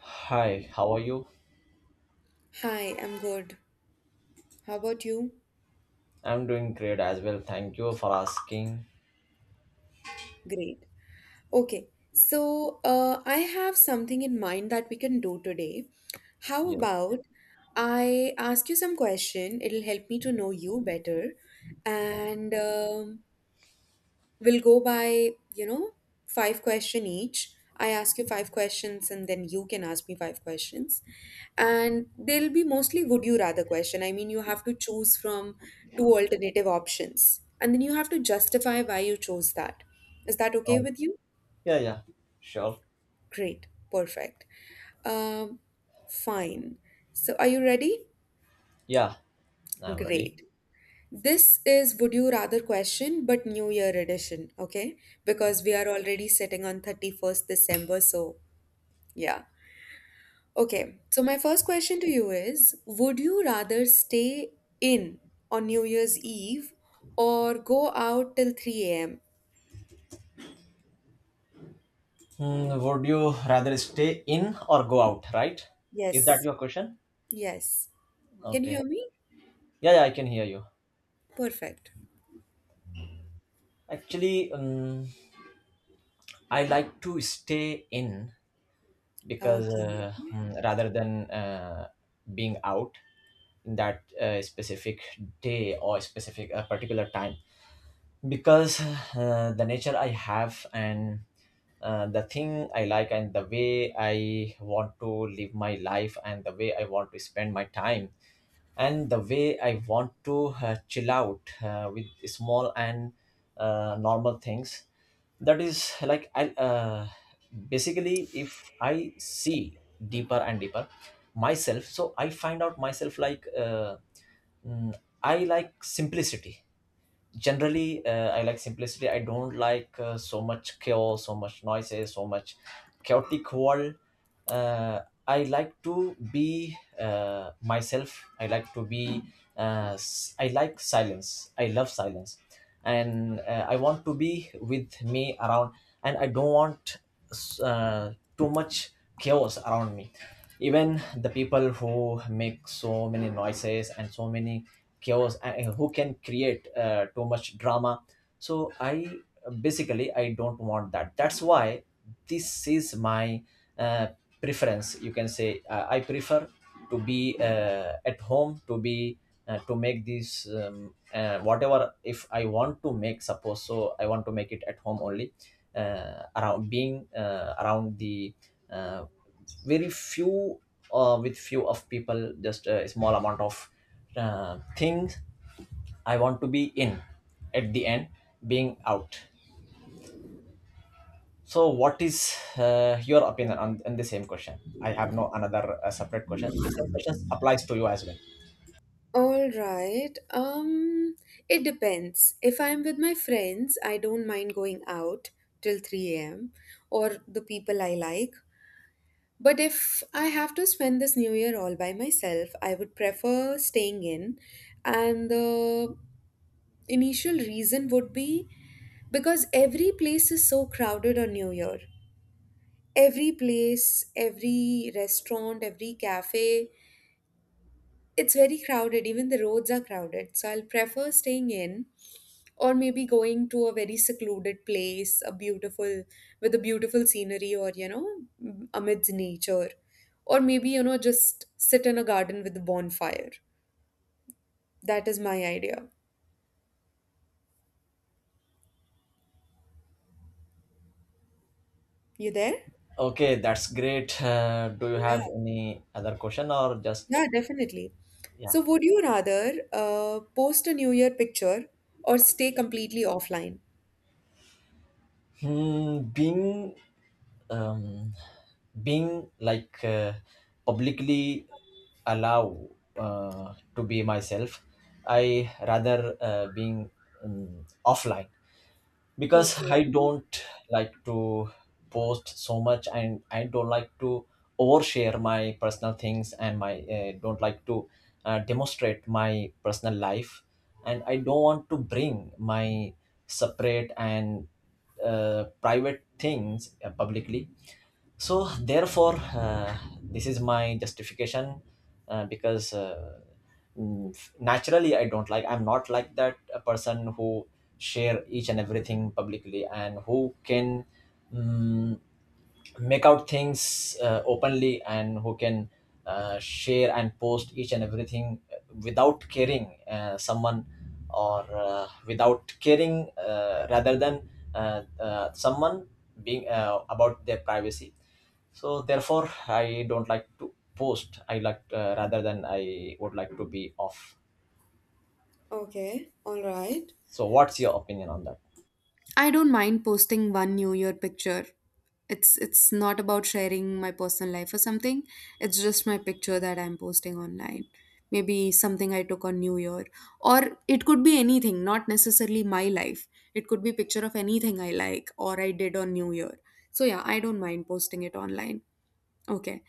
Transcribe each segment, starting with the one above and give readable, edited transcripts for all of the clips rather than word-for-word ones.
Hi, how are you? Hi, I'm good. How about you? I'm doing great as well. Thank you for asking. Great. Okay, so I have something in mind that we can do today. How Yes. about I ask you some question? It'll help me to know you better, and we'll go by, five question each. I ask you five questions and then you can ask me five questions. And they'll be mostly would you rather question. I mean, you have to choose from two alternative options and then you have to justify why you chose that. Is that okay Oh, with you? yeah, yeah. Sure. Great. Perfect. Um, fine. So are you ready? Yeah, I'm ready. Great. This is Would You Rather question, but New Year edition, okay? Because we are already sitting on 31st December, so yeah. Okay, so my first question to you is would you rather stay in on New Year's Eve or go out till 3 a.m.? Would you rather stay in or go out, right? Is that Yes, your question? yes. Can you Okay. hear me? Yeah, yeah, I can hear you. Perfect. Actually, I like to stay in because Okay. Rather than being out in that specific day or specific particular time because the nature I have, and the thing I like, and the way I want to live my life, and the way I want to spend my time, and the way I want to chill out with small and normal things. That is like I, basically, if I see deeper and deeper myself, so I find out myself like, mm, I like simplicity generally. I like simplicity. I don't like so much chaos, so much noises, so much chaotic world. uh, I like to be myself. I like to be I like silence. I love silence. And I want to be with me around, and I don't want uh, too much chaos around me, even the people who make so many noises and so many chaos, and who can create too much drama. So I, basically, I don't want that. That's why this is my uh, preference, you can say. I prefer to be at home, to be to make this, whatever, if I want to make, suppose, so I want to make it at home only, around being around the uh, very few, with few of people, just a small amount of things. I want to be in at the end, being out. So what is your opinion on the same question? I have no another separate question. The same question applies to you as well. All right. It depends. If I'm with my friends, I don't mind going out till 3 a.m. or the people I like. But if I have to spend this new year all by myself, I would prefer staying in. And the initial reason would be because every place is so crowded on new year. Every place, every restaurant, every cafe, it's very crowded, even the roads are crowded. So I'll prefer staying in or maybe going to a very secluded place, a beautiful, with a beautiful scenery or, amidst nature. Or maybe, just sit in a garden with a bonfire. That is my idea. You there? Okay, that's great. Do you Yeah, have any other question, or just yeah, definitely. yeah? So, would you rather post a New Year picture or stay completely offline? Hmm, being um, being like publicly allow to be myself, I rather being offline. Because Okay, I don't like to post so much, and I don't like to overshare my personal things and my, don't like to demonstrate my personal life, and I don't want to bring my separate and private things publicly. So therefore this is my justification, because naturally I don't like, I'm not like that, a person who share each and everything publicly and who can mm, make out things openly, and who can share and post each and everything without caring someone, or without caring rather than someone being about their privacy. So therefore I don't like to post. I like, rather than, I would like to be off. okay, all right. So what's your opinion on that? I don't mind posting one New Year picture. It's not about sharing my personal life or something. It's just my picture that I'm posting online. Maybe something I took on New Year. Or it could be anything, not necessarily my life. It could be picture of anything I like or I did on New Year. So yeah, I don't mind posting it online. Okay.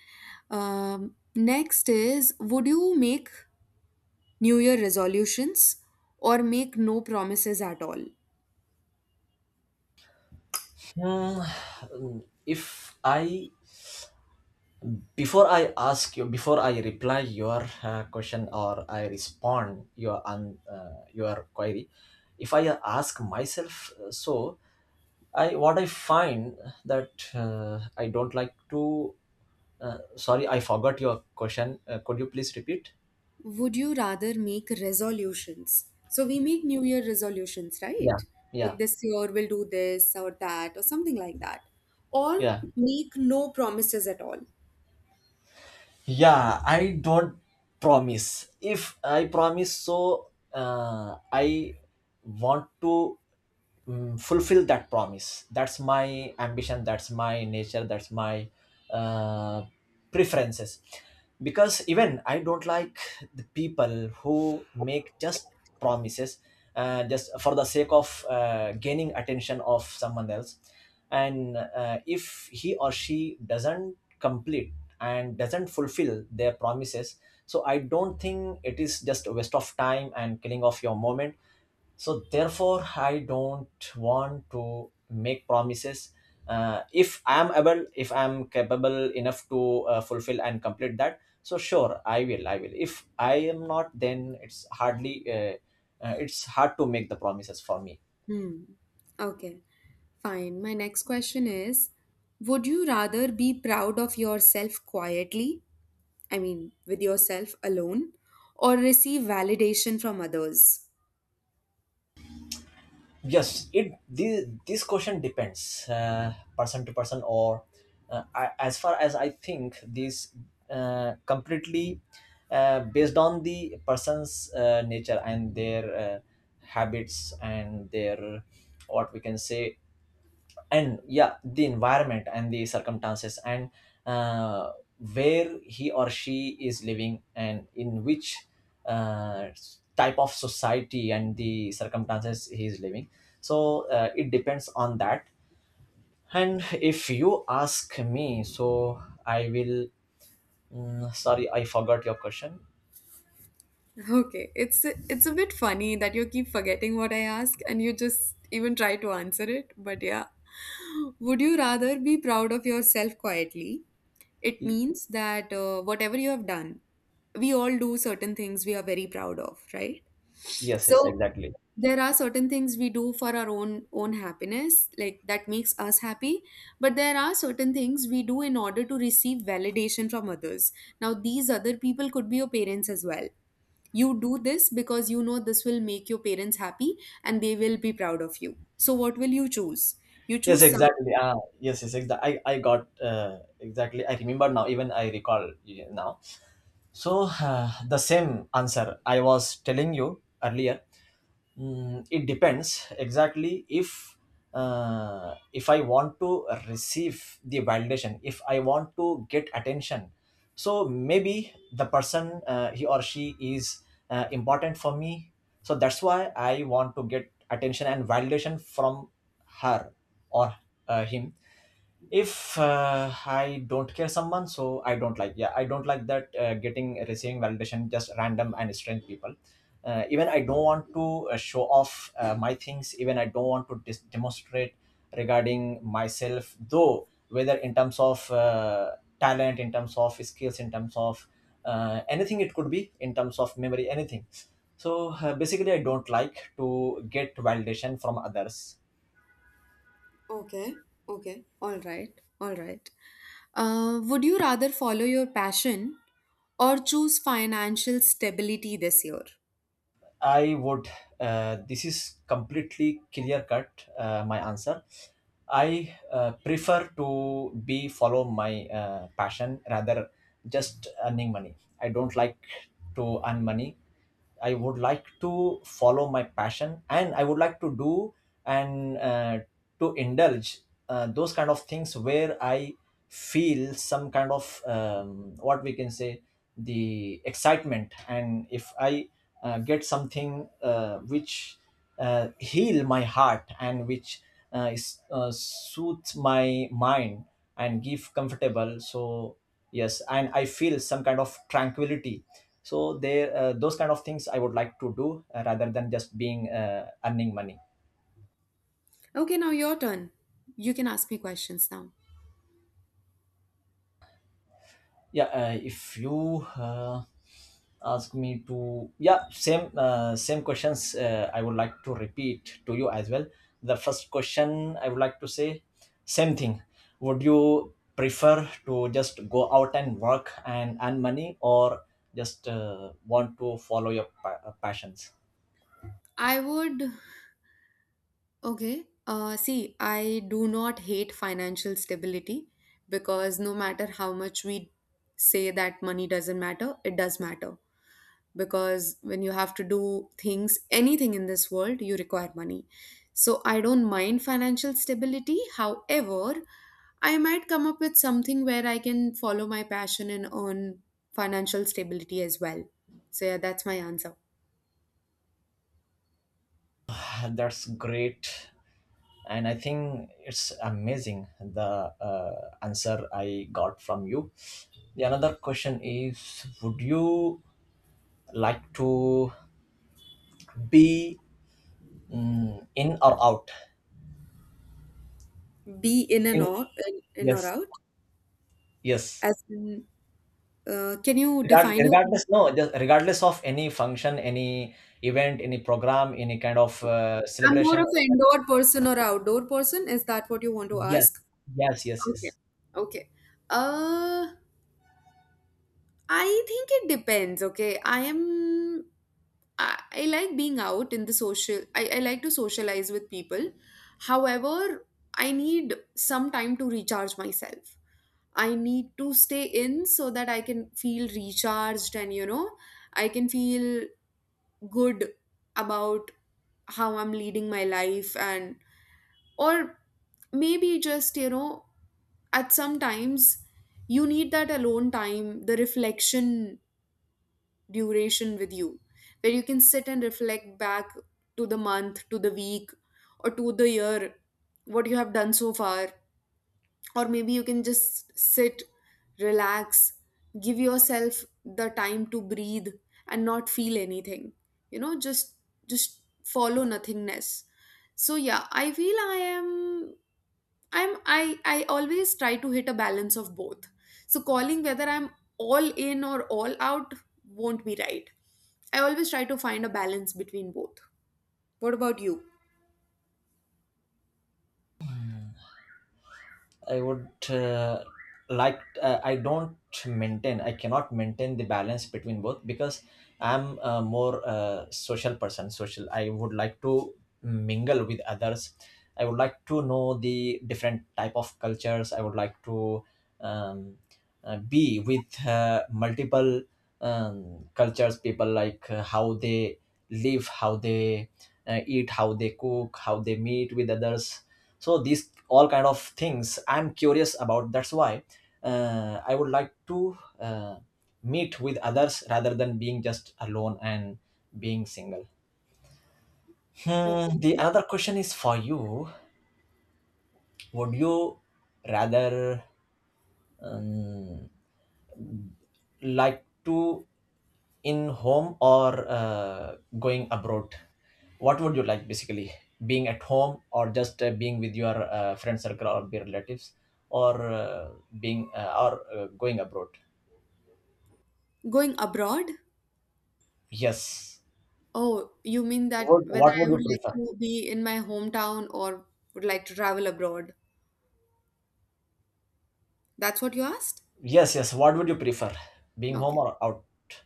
Next is would you make New Year resolutions or make no promises at all? Hmm, if I, before I ask you, before I reply your question, or I respond your query, if I ask myself, so I, what I find, that I don't like to, sorry, I forgot your question. Could you please repeat? Would you rather make resolutions? So we make New Year resolutions, Yeah, right? yeah, Like this year we'll do this or that or something like that. Or yeah. make no promises at all. Yeah, I don't promise. If I promise, so I want to fulfill that promise. That's my ambition, that's my nature, that's my uh, preferences, because even I don't like the people who make just promises just for the sake of gaining attention of someone else. And if he or she doesn't complete and doesn't fulfill their promises, so I don't think, it is just a waste of time and killing of your moment. So therefore I don't want to make promises. If I am able, if I am capable enough to fulfill and complete that, so sure I will. If I am not, then it's hardly it's hard to make the promises for me. Hmm. Okay, fine. My next question is would you rather be proud of yourself quietly, I mean, with yourself alone, or receive validation from others? Yes, it, this question depends, person to person, or I, as far as I think, this completely based on the person's nature and their habits and their, what we can say, and yeah, the environment and the circumstances, and uh, where he or she is living, and in which uh, type of society and the circumstances he is living. So it depends on that. And if you ask me, so I will, sorry, I forgot your question. Okay, it's a bit funny that you keep forgetting what I ask and you just even try to answer it. But yeah, would you rather be proud of yourself quietly? It Y- means that whatever you have done, we all do certain things we are very proud of, right? yes, yes, So exactly. there are certain things we do for our own happiness, like that makes us happy, but there are certain things we do in order to receive validation from others. Now, these other people could be your parents as well. You do this because you know this will make your parents happy and they will be proud of you, so what will you choose? You Yes, choose some. exactly. Ah, yes, yes, exactly. I got, exactly, I remember now. Even I recall, yeah, now. So, the same answer I was telling you earlier. It depends, exactly. If I want to receive the validation, if I want to get attention. So maybe the person, he or she is important for me. So that's why I want to get attention and validation from her, or him. If I don't care someone, so I don't like, yeah, I don't like that, getting, receiving validation just random and strange people. Even I don't want to show off my things. Even I don't want to demonstrate regarding myself, though whether in terms of talent, in terms of skills, in terms of anything. It could be in terms of memory, anything. So basically I don't like to get validation from others. Okay, okay, all right, all right. Would you rather follow your passion or choose financial stability this year? I would. This is completely clear cut. My answer. I prefer to be follow my passion, rather just earning money. I don't like to earn money. I would like to follow my passion, and I would like to do, and to indulge those kind of things where I feel some kind of, what we can say, the excitement. And if I get something which heal my heart, and which is, soothe my mind and give comfortable. So yes, and I feel some kind of tranquility. So there, those kind of things I would like to do, rather than just being earning money. Okay, now your turn. You can ask me questions now. Yeah, if you, ask me to, yeah, same questions, I would like to repeat to you as well. The first question I would like to say, same thing. Would you prefer to just go out and work and earn money, or just want to follow your passions? I would Okay. See, I do not hate financial stability because no matter how much we say that money doesn't matter, it does matter. Because when you have to do things, anything in this world, you require money. So I don't mind financial stability. However, I might come up with something where I can follow my passion and earn financial stability as well. So yeah, that's my answer. That's great, and I think it's amazing, the answer I got from you. The another question is, would you like to be, in or out? Be in and In. or in or Yes, out, yes. as in. Can you define your? I'm Regardless, no, just regardless of any function, any event, any program, any kind of more celebration. of an indoor person or outdoor person. Is that what you want to Yes, ask? yes, yes, Okay. yes. Okay. Uh, I think it depends. Okay. I like being out in the social, I like to socialize with people. However, I need some time to recharge myself. I need to stay in so that I can feel recharged and, I can feel good about how I'm leading my life and or maybe just at some times you need that alone time, the reflection duration with you where you can sit and reflect back to the month, to the week, or to the year, what you have done so far. Or maybe you can just sit, relax, give yourself the time to breathe, and not feel anything, you know just just follow nothingness. So yeah, I feel I am I'm I always try to hit a balance of both. So calling whether I'm all in or all out won't be right. I always try to find a balance between both. What about you? I would, like, I don't maintain, I cannot maintain the balance between both, because I'm a more social person, social. I would like to mingle with others. I would like to know the different type of cultures. I would like to um, be with multiple cultures people, like how they live, how they eat, how they cook, how they meet with others. So these all kind of things I'm curious about. That's why I would like to meet with others, rather than being just alone and being single. Okay. The another question is for you. Would you rather um, like to in home, or going abroad? What would you like, basically? Being at home, or just being with your friend circle or your relatives, or being, or going abroad? Going abroad? Yes. Oh, you mean that What whether what would I you would like prefer? to be in my hometown or would like to travel abroad? That's what you asked? Yes, yes. What would you prefer, being home Okay. or out?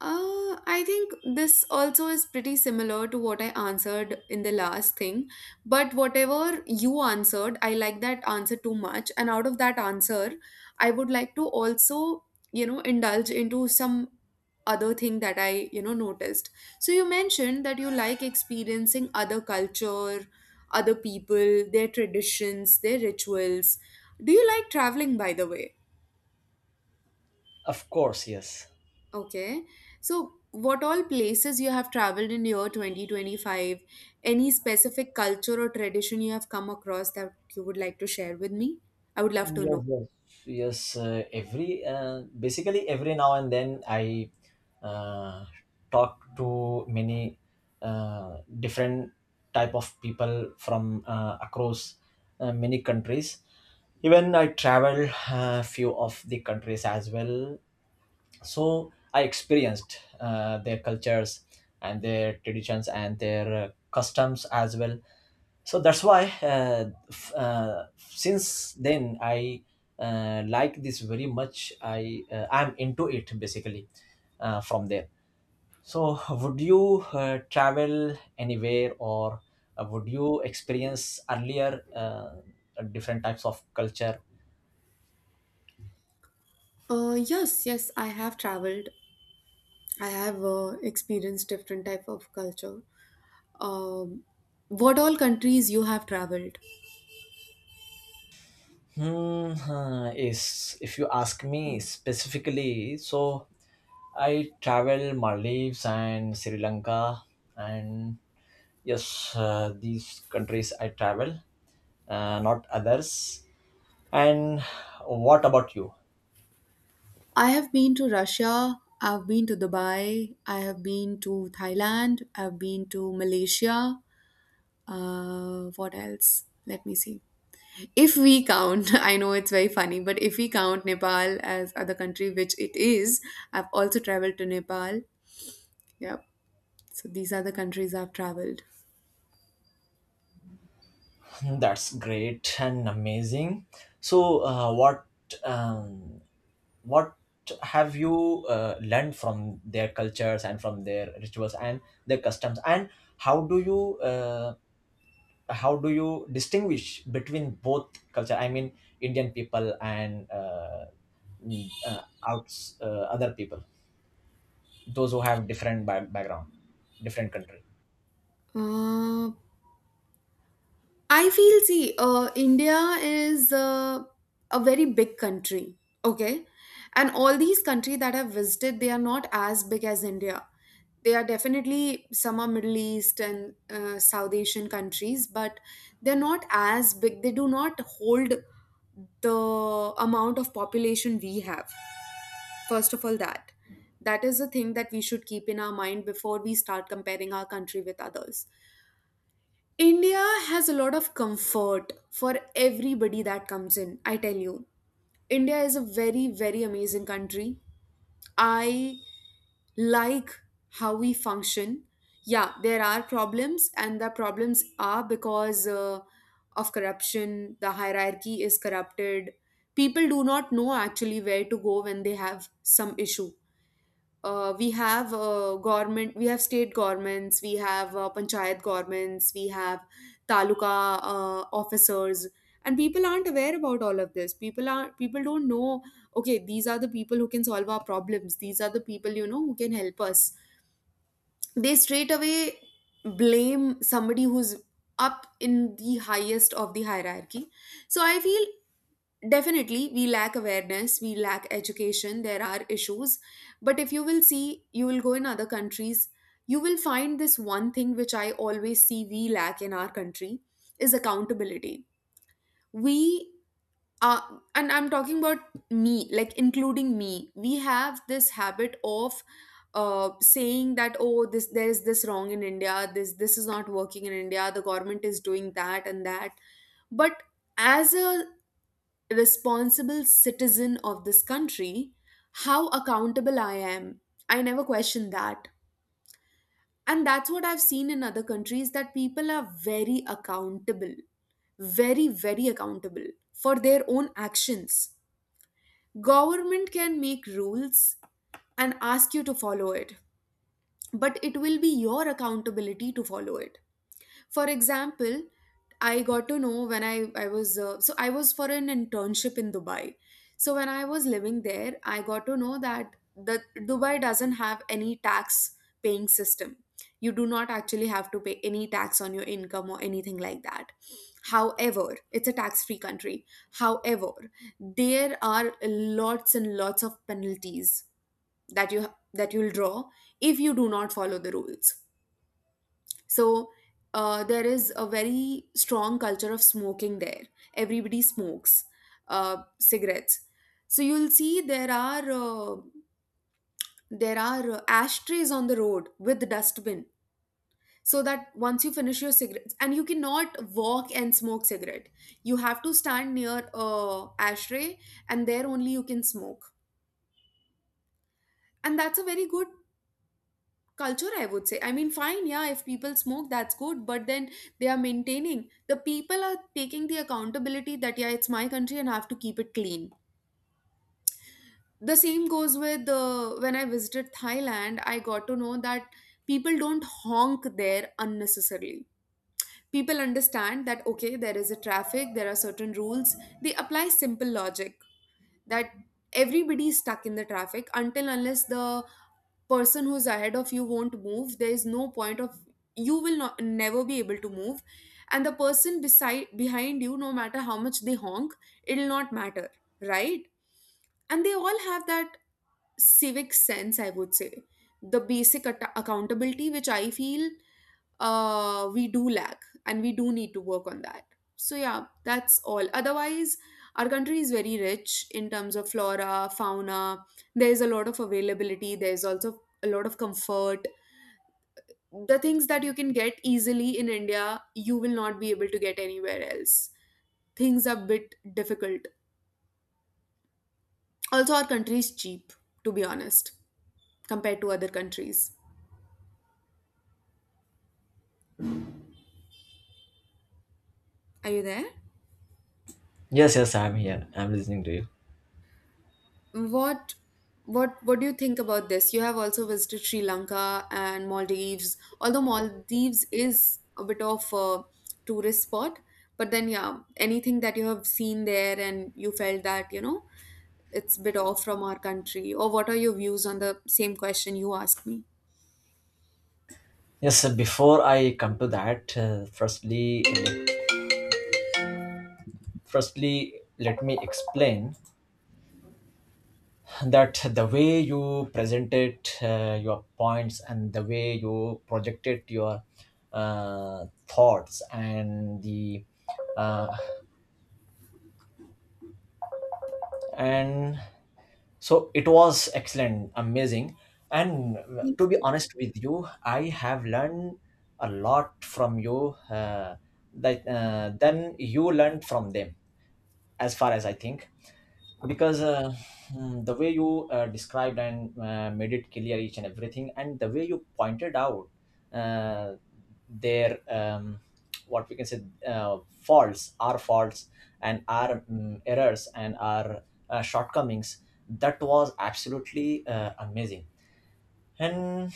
I think this also is pretty similar to what I answered in the last thing. But whatever you answered, I like that answer too much. And out of that answer, I would like to also, indulge into some other thing that I, noticed. So you mentioned that you like experiencing other culture, other people, their traditions, their rituals. Do you like traveling, by the way? Of course, yes. Okay. So, what all places you have traveled in year 2025? Any specific culture or tradition you have come across that you would like to share with me? I would love to Yes, know. yes, yes. Every, basically, every now and then I uh, talk to many different type of people from across many countries. Even I travel few of the countries as well. So I experienced their cultures and their traditions and their customs as well. So that's why since then I like this very much. I'm into it, basically, from there. So would you travel anywhere, or would you experience earlier different types of culture? Yes, yes, I have traveled. I have experienced different type of culture. Um, What all countries you have traveled? Hmm, huh, is if you ask me specifically, so I travel Maldives and Sri Lanka. And yes, these countries I travel, not others. And what about you? I have been to Russia. I've been to Dubai. I have been to Thailand. I've been to Malaysia. What else? Let me see. If we count, I know it's very funny, but if we count Nepal as other country, which it is, I've also traveled to Nepal. Yep. So these are the countries I've traveled. That's great and amazing. So what, um, what have you learned from their cultures and from their rituals and their customs, and how do you, how do you distinguish between both culture, I mean, Indian people, and mm, outs other people, those who have different background, different country? Uh, I feel, see, India is a very big country, okay? And all these countries that I've visited, they are not as big as India. They are definitely some are Middle East and South Asian countries, but they're not as big. They do not hold the amount of population we have. First of all, that. That is a thing that we should keep in our mind before we start comparing our country with others. India has a lot of comfort for everybody that comes in, I tell you. India is a very, very amazing country. I like how we function. Yeah, there are problems, and the problems are because of corruption, the hierarchy is corrupted. People do not know actually where to go when they have some issue. We have government, we have state governments, we have panchayat governments, we have taluka officers, and people aren't aware about all of this. People don't know. Okay, these are the people who can solve our problems. These are the people, you know, who can help us. They straight away blame somebody who's up in the highest of the hierarchy. So I feel definitely we lack awareness, we lack education, there are issues, but if you will see, you will go in other countries, you will find this one thing which I always see we lack in our country is accountability. We are, and I'm talking about me, like including me, we have this habit of saying that, oh, this, there is this wrong in India, this is not working in India, the government is doing that and that, but as a responsible citizen of this country, how accountable I am. I never question that. And that's what I've seen in other countries that people are very accountable, very, very accountable for their own actions. Government can make rules and ask you to follow it, but it will be your accountability to follow it. For example, I got to know when I was so I was for an internship in Dubai. So when I was living there, I got to know that the Dubai doesn't have any tax paying system. You do not actually have to pay any tax on your income or anything like that. However, it's a tax free country. However, there are lots and lots of penalties that you that you'll draw if you do not follow the rules. So there is a very strong culture of smoking there. Everybody smokes cigarettes. So you'll see there are ashtrays on the road with dustbin. So that once you finish your cigarettes, and you cannot walk and smoke cigarette, you have to stand near a ashtray, and there only you can smoke. And that's a very good culture, I would say. I mean, fine, yeah, if people smoke, that's good, but then they are maintaining, the people are taking the accountability that yeah, it's my country and I have to keep it clean. The same goes with when I visited Thailand, I got to know that people don't honk there unnecessarily. People understand that okay, there is a traffic, there are certain rules. They apply simple logic that everybody is stuck in the traffic, until unless the person who's ahead of you won't move, there is no point of, you will not never be able to move. And the person beside behind you, no matter how much they honk, it'll not matter, right? And they all have that civic sense, I would say. The basic accountability which I feel we do lack and we do need to work on that. So, yeah, that's all. Otherwise, our country is very rich in terms of flora, fauna. There's a lot of availability, there's also a lot of comfort. The things that you can get easily in India, you will not be able to get anywhere else. Things are a bit difficult. Also, our country is cheap, to be honest, compared to other countries. Are you there? Yes, yes, I'm here. I'm listening to you. what what what do you think about this? You have also visited Sri Lanka and Maldives. Although Maldives is a bit of a tourist spot, but then yeah, anything that you have seen there and you felt that you know, it's a bit off from our country, or what are your views on the same question you asked me? Yes, so before I come to that, firstly, firstly, let me explain that the way you presented your points, and the way you projected your thoughts and the uh, and So it was excellent, amazing. And to Thank be you. honest with you, I have learned a lot from you, that then you learned from them, as far as I think, because the way you described and made it clear each and everything, and the way you pointed out uh, their what we can say, faults, our faults, and our errors, and our shortcomings, that was absolutely amazing. And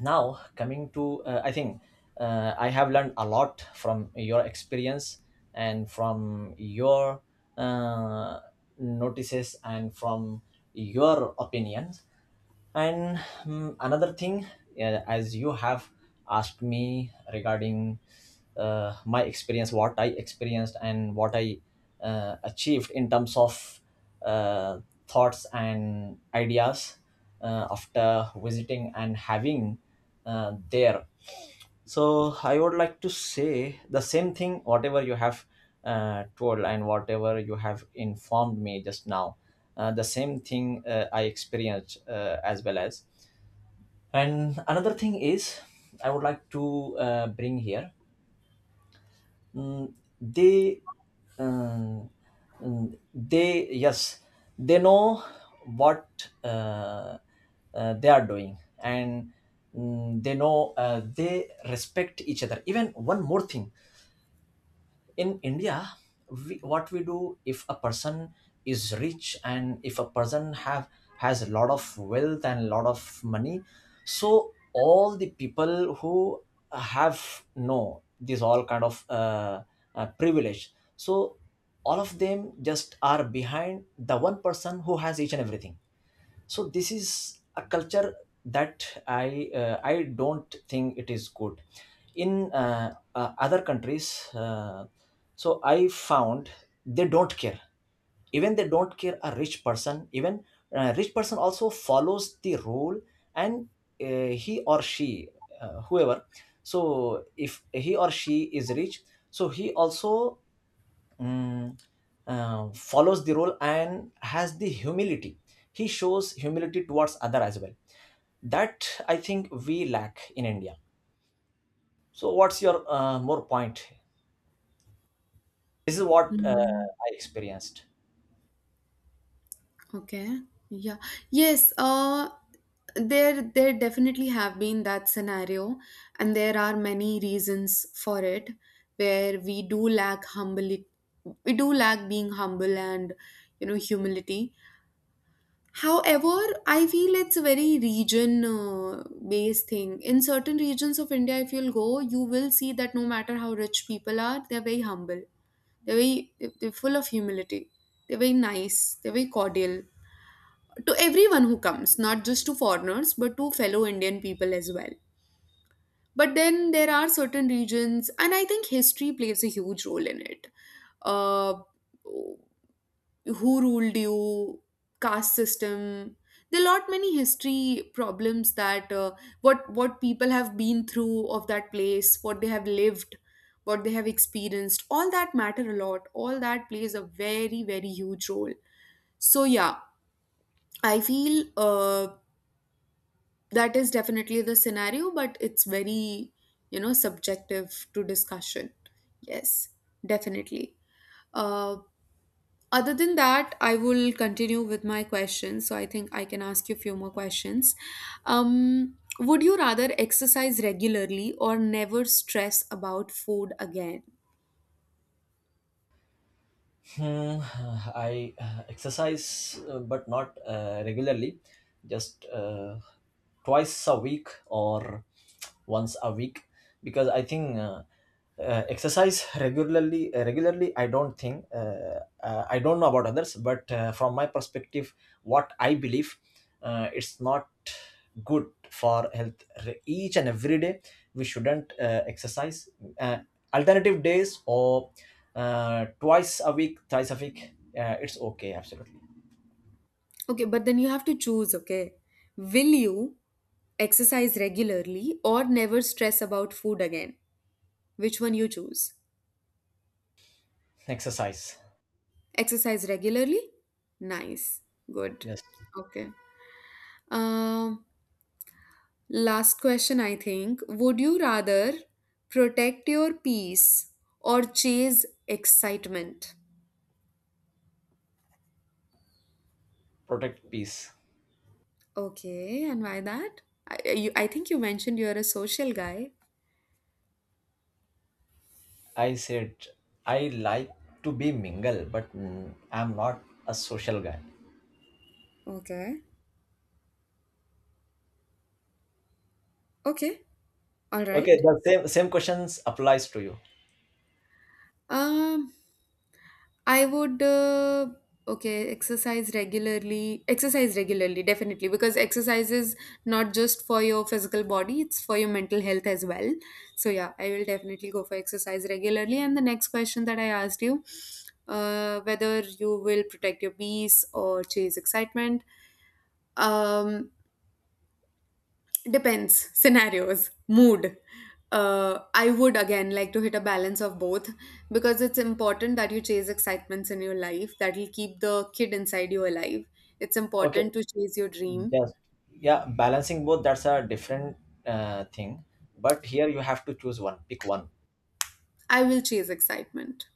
now, coming to, I think, I have learned a lot from your experience and from your uh, notices and from your opinions. And another thing, yeah, as you have asked me regarding my experience, what I experienced and what I achieved in terms of uh, thoughts and ideas after visiting and having there. So I would like to say the same thing, whatever you have told and whatever you have informed me just now. The same thing I experienced as well. As. And another thing is, I would like to bring here. mm, they, um, yes, they know what uh, they are doing, and they know, they respect each other. Even one more thing, in India, what we do if a person is rich, and if a person have has a lot of wealth and a lot of money, so all the people who have no, this all kind of privilege, so all of them just are behind the one person who has each and everything. So this is a culture that I don't think it is good. In other countries, so I found they don't care. Even they don't care a rich person. Even a rich person also follows the rule, and he or she, whoever, so if he or she is rich, so he also mm, follows the role and has the humility. He shows humility towards other as well. That I think we lack in India. So, what's your more point? This is what Hmm. I experienced. Okay. Yeah. Yes. There there definitely have been that scenario, and there are many reasons for it where we do lack humble, we do lack being humble and you know, humility. However, I feel it's a very region based thing. In certain regions of India, if you'll go, you will see that no matter how rich people are, they're very humble. They're very, they're full of humility. They're very nice. They're very cordial to everyone who comes, not just to foreigners, but to fellow Indian people as well. But then there are certain regions, and I think history plays a huge role in it. Uh, who ruled you? Caste system. There are lot many history problems that what people have been through of that place, what they have lived, what they have experienced. All that matter a lot. All that plays a very very huge role. So yeah, I feel. That is definitely the scenario, but it's very you know, subjective to discussion. Yes, definitely. uh, Other than that, I will continue with my questions. So I think I can ask you a few more questions. Would you rather exercise regularly or never stress about food again? Hmm. I exercise, but not regularly, just twice a week or once a week, because I think exercise regularly, I don't think. I don't know about others, but from my perspective, what I believe, it's not good for health. Each and every day, we shouldn't exercise. Uh, Alternative days, or twice a week, thrice a week, it's okay, absolutely. Okay, but then you have to choose. Okay, will you exercise regularly or never stress about food again? Which one you choose? Exercise, Exercise regularly? Nice. Good. yes, Okay. Um, last question, I think. Would you rather protect your peace or chase excitement? protect peace. Okay, and why that? I think you mentioned you're a social guy. I said I like to be mingle, but I'm not a social guy. Okay. Okay. All Okay, right. the same questions applies to you. Um, I would okay, exercise regularly. Exercise regularly, definitely, because exercise is not just for your physical body; it's for your mental health as well. So yeah, I will definitely go for exercise regularly. And the next question that I asked you, whether you will protect your peace or chase excitement. Um, Depends, scenarios, mood. I would again like to hit a balance of both because it's important that you chase excitements in your life that will keep the kid inside you alive. It's Okay, important to chase your dream. yes, yeah, balancing both, that's a different thing, but here you have to choose one, pick one. I will chase excitement.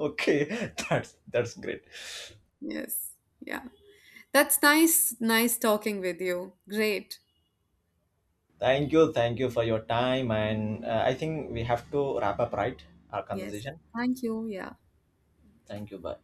Okay, that's great. Yes. Yeah. That's nice. Nice talking with you. Great. Thank you for your time, and I think we have to wrap up, right, our Yes. conversation. Thank you. Yeah. Thank you. Bye.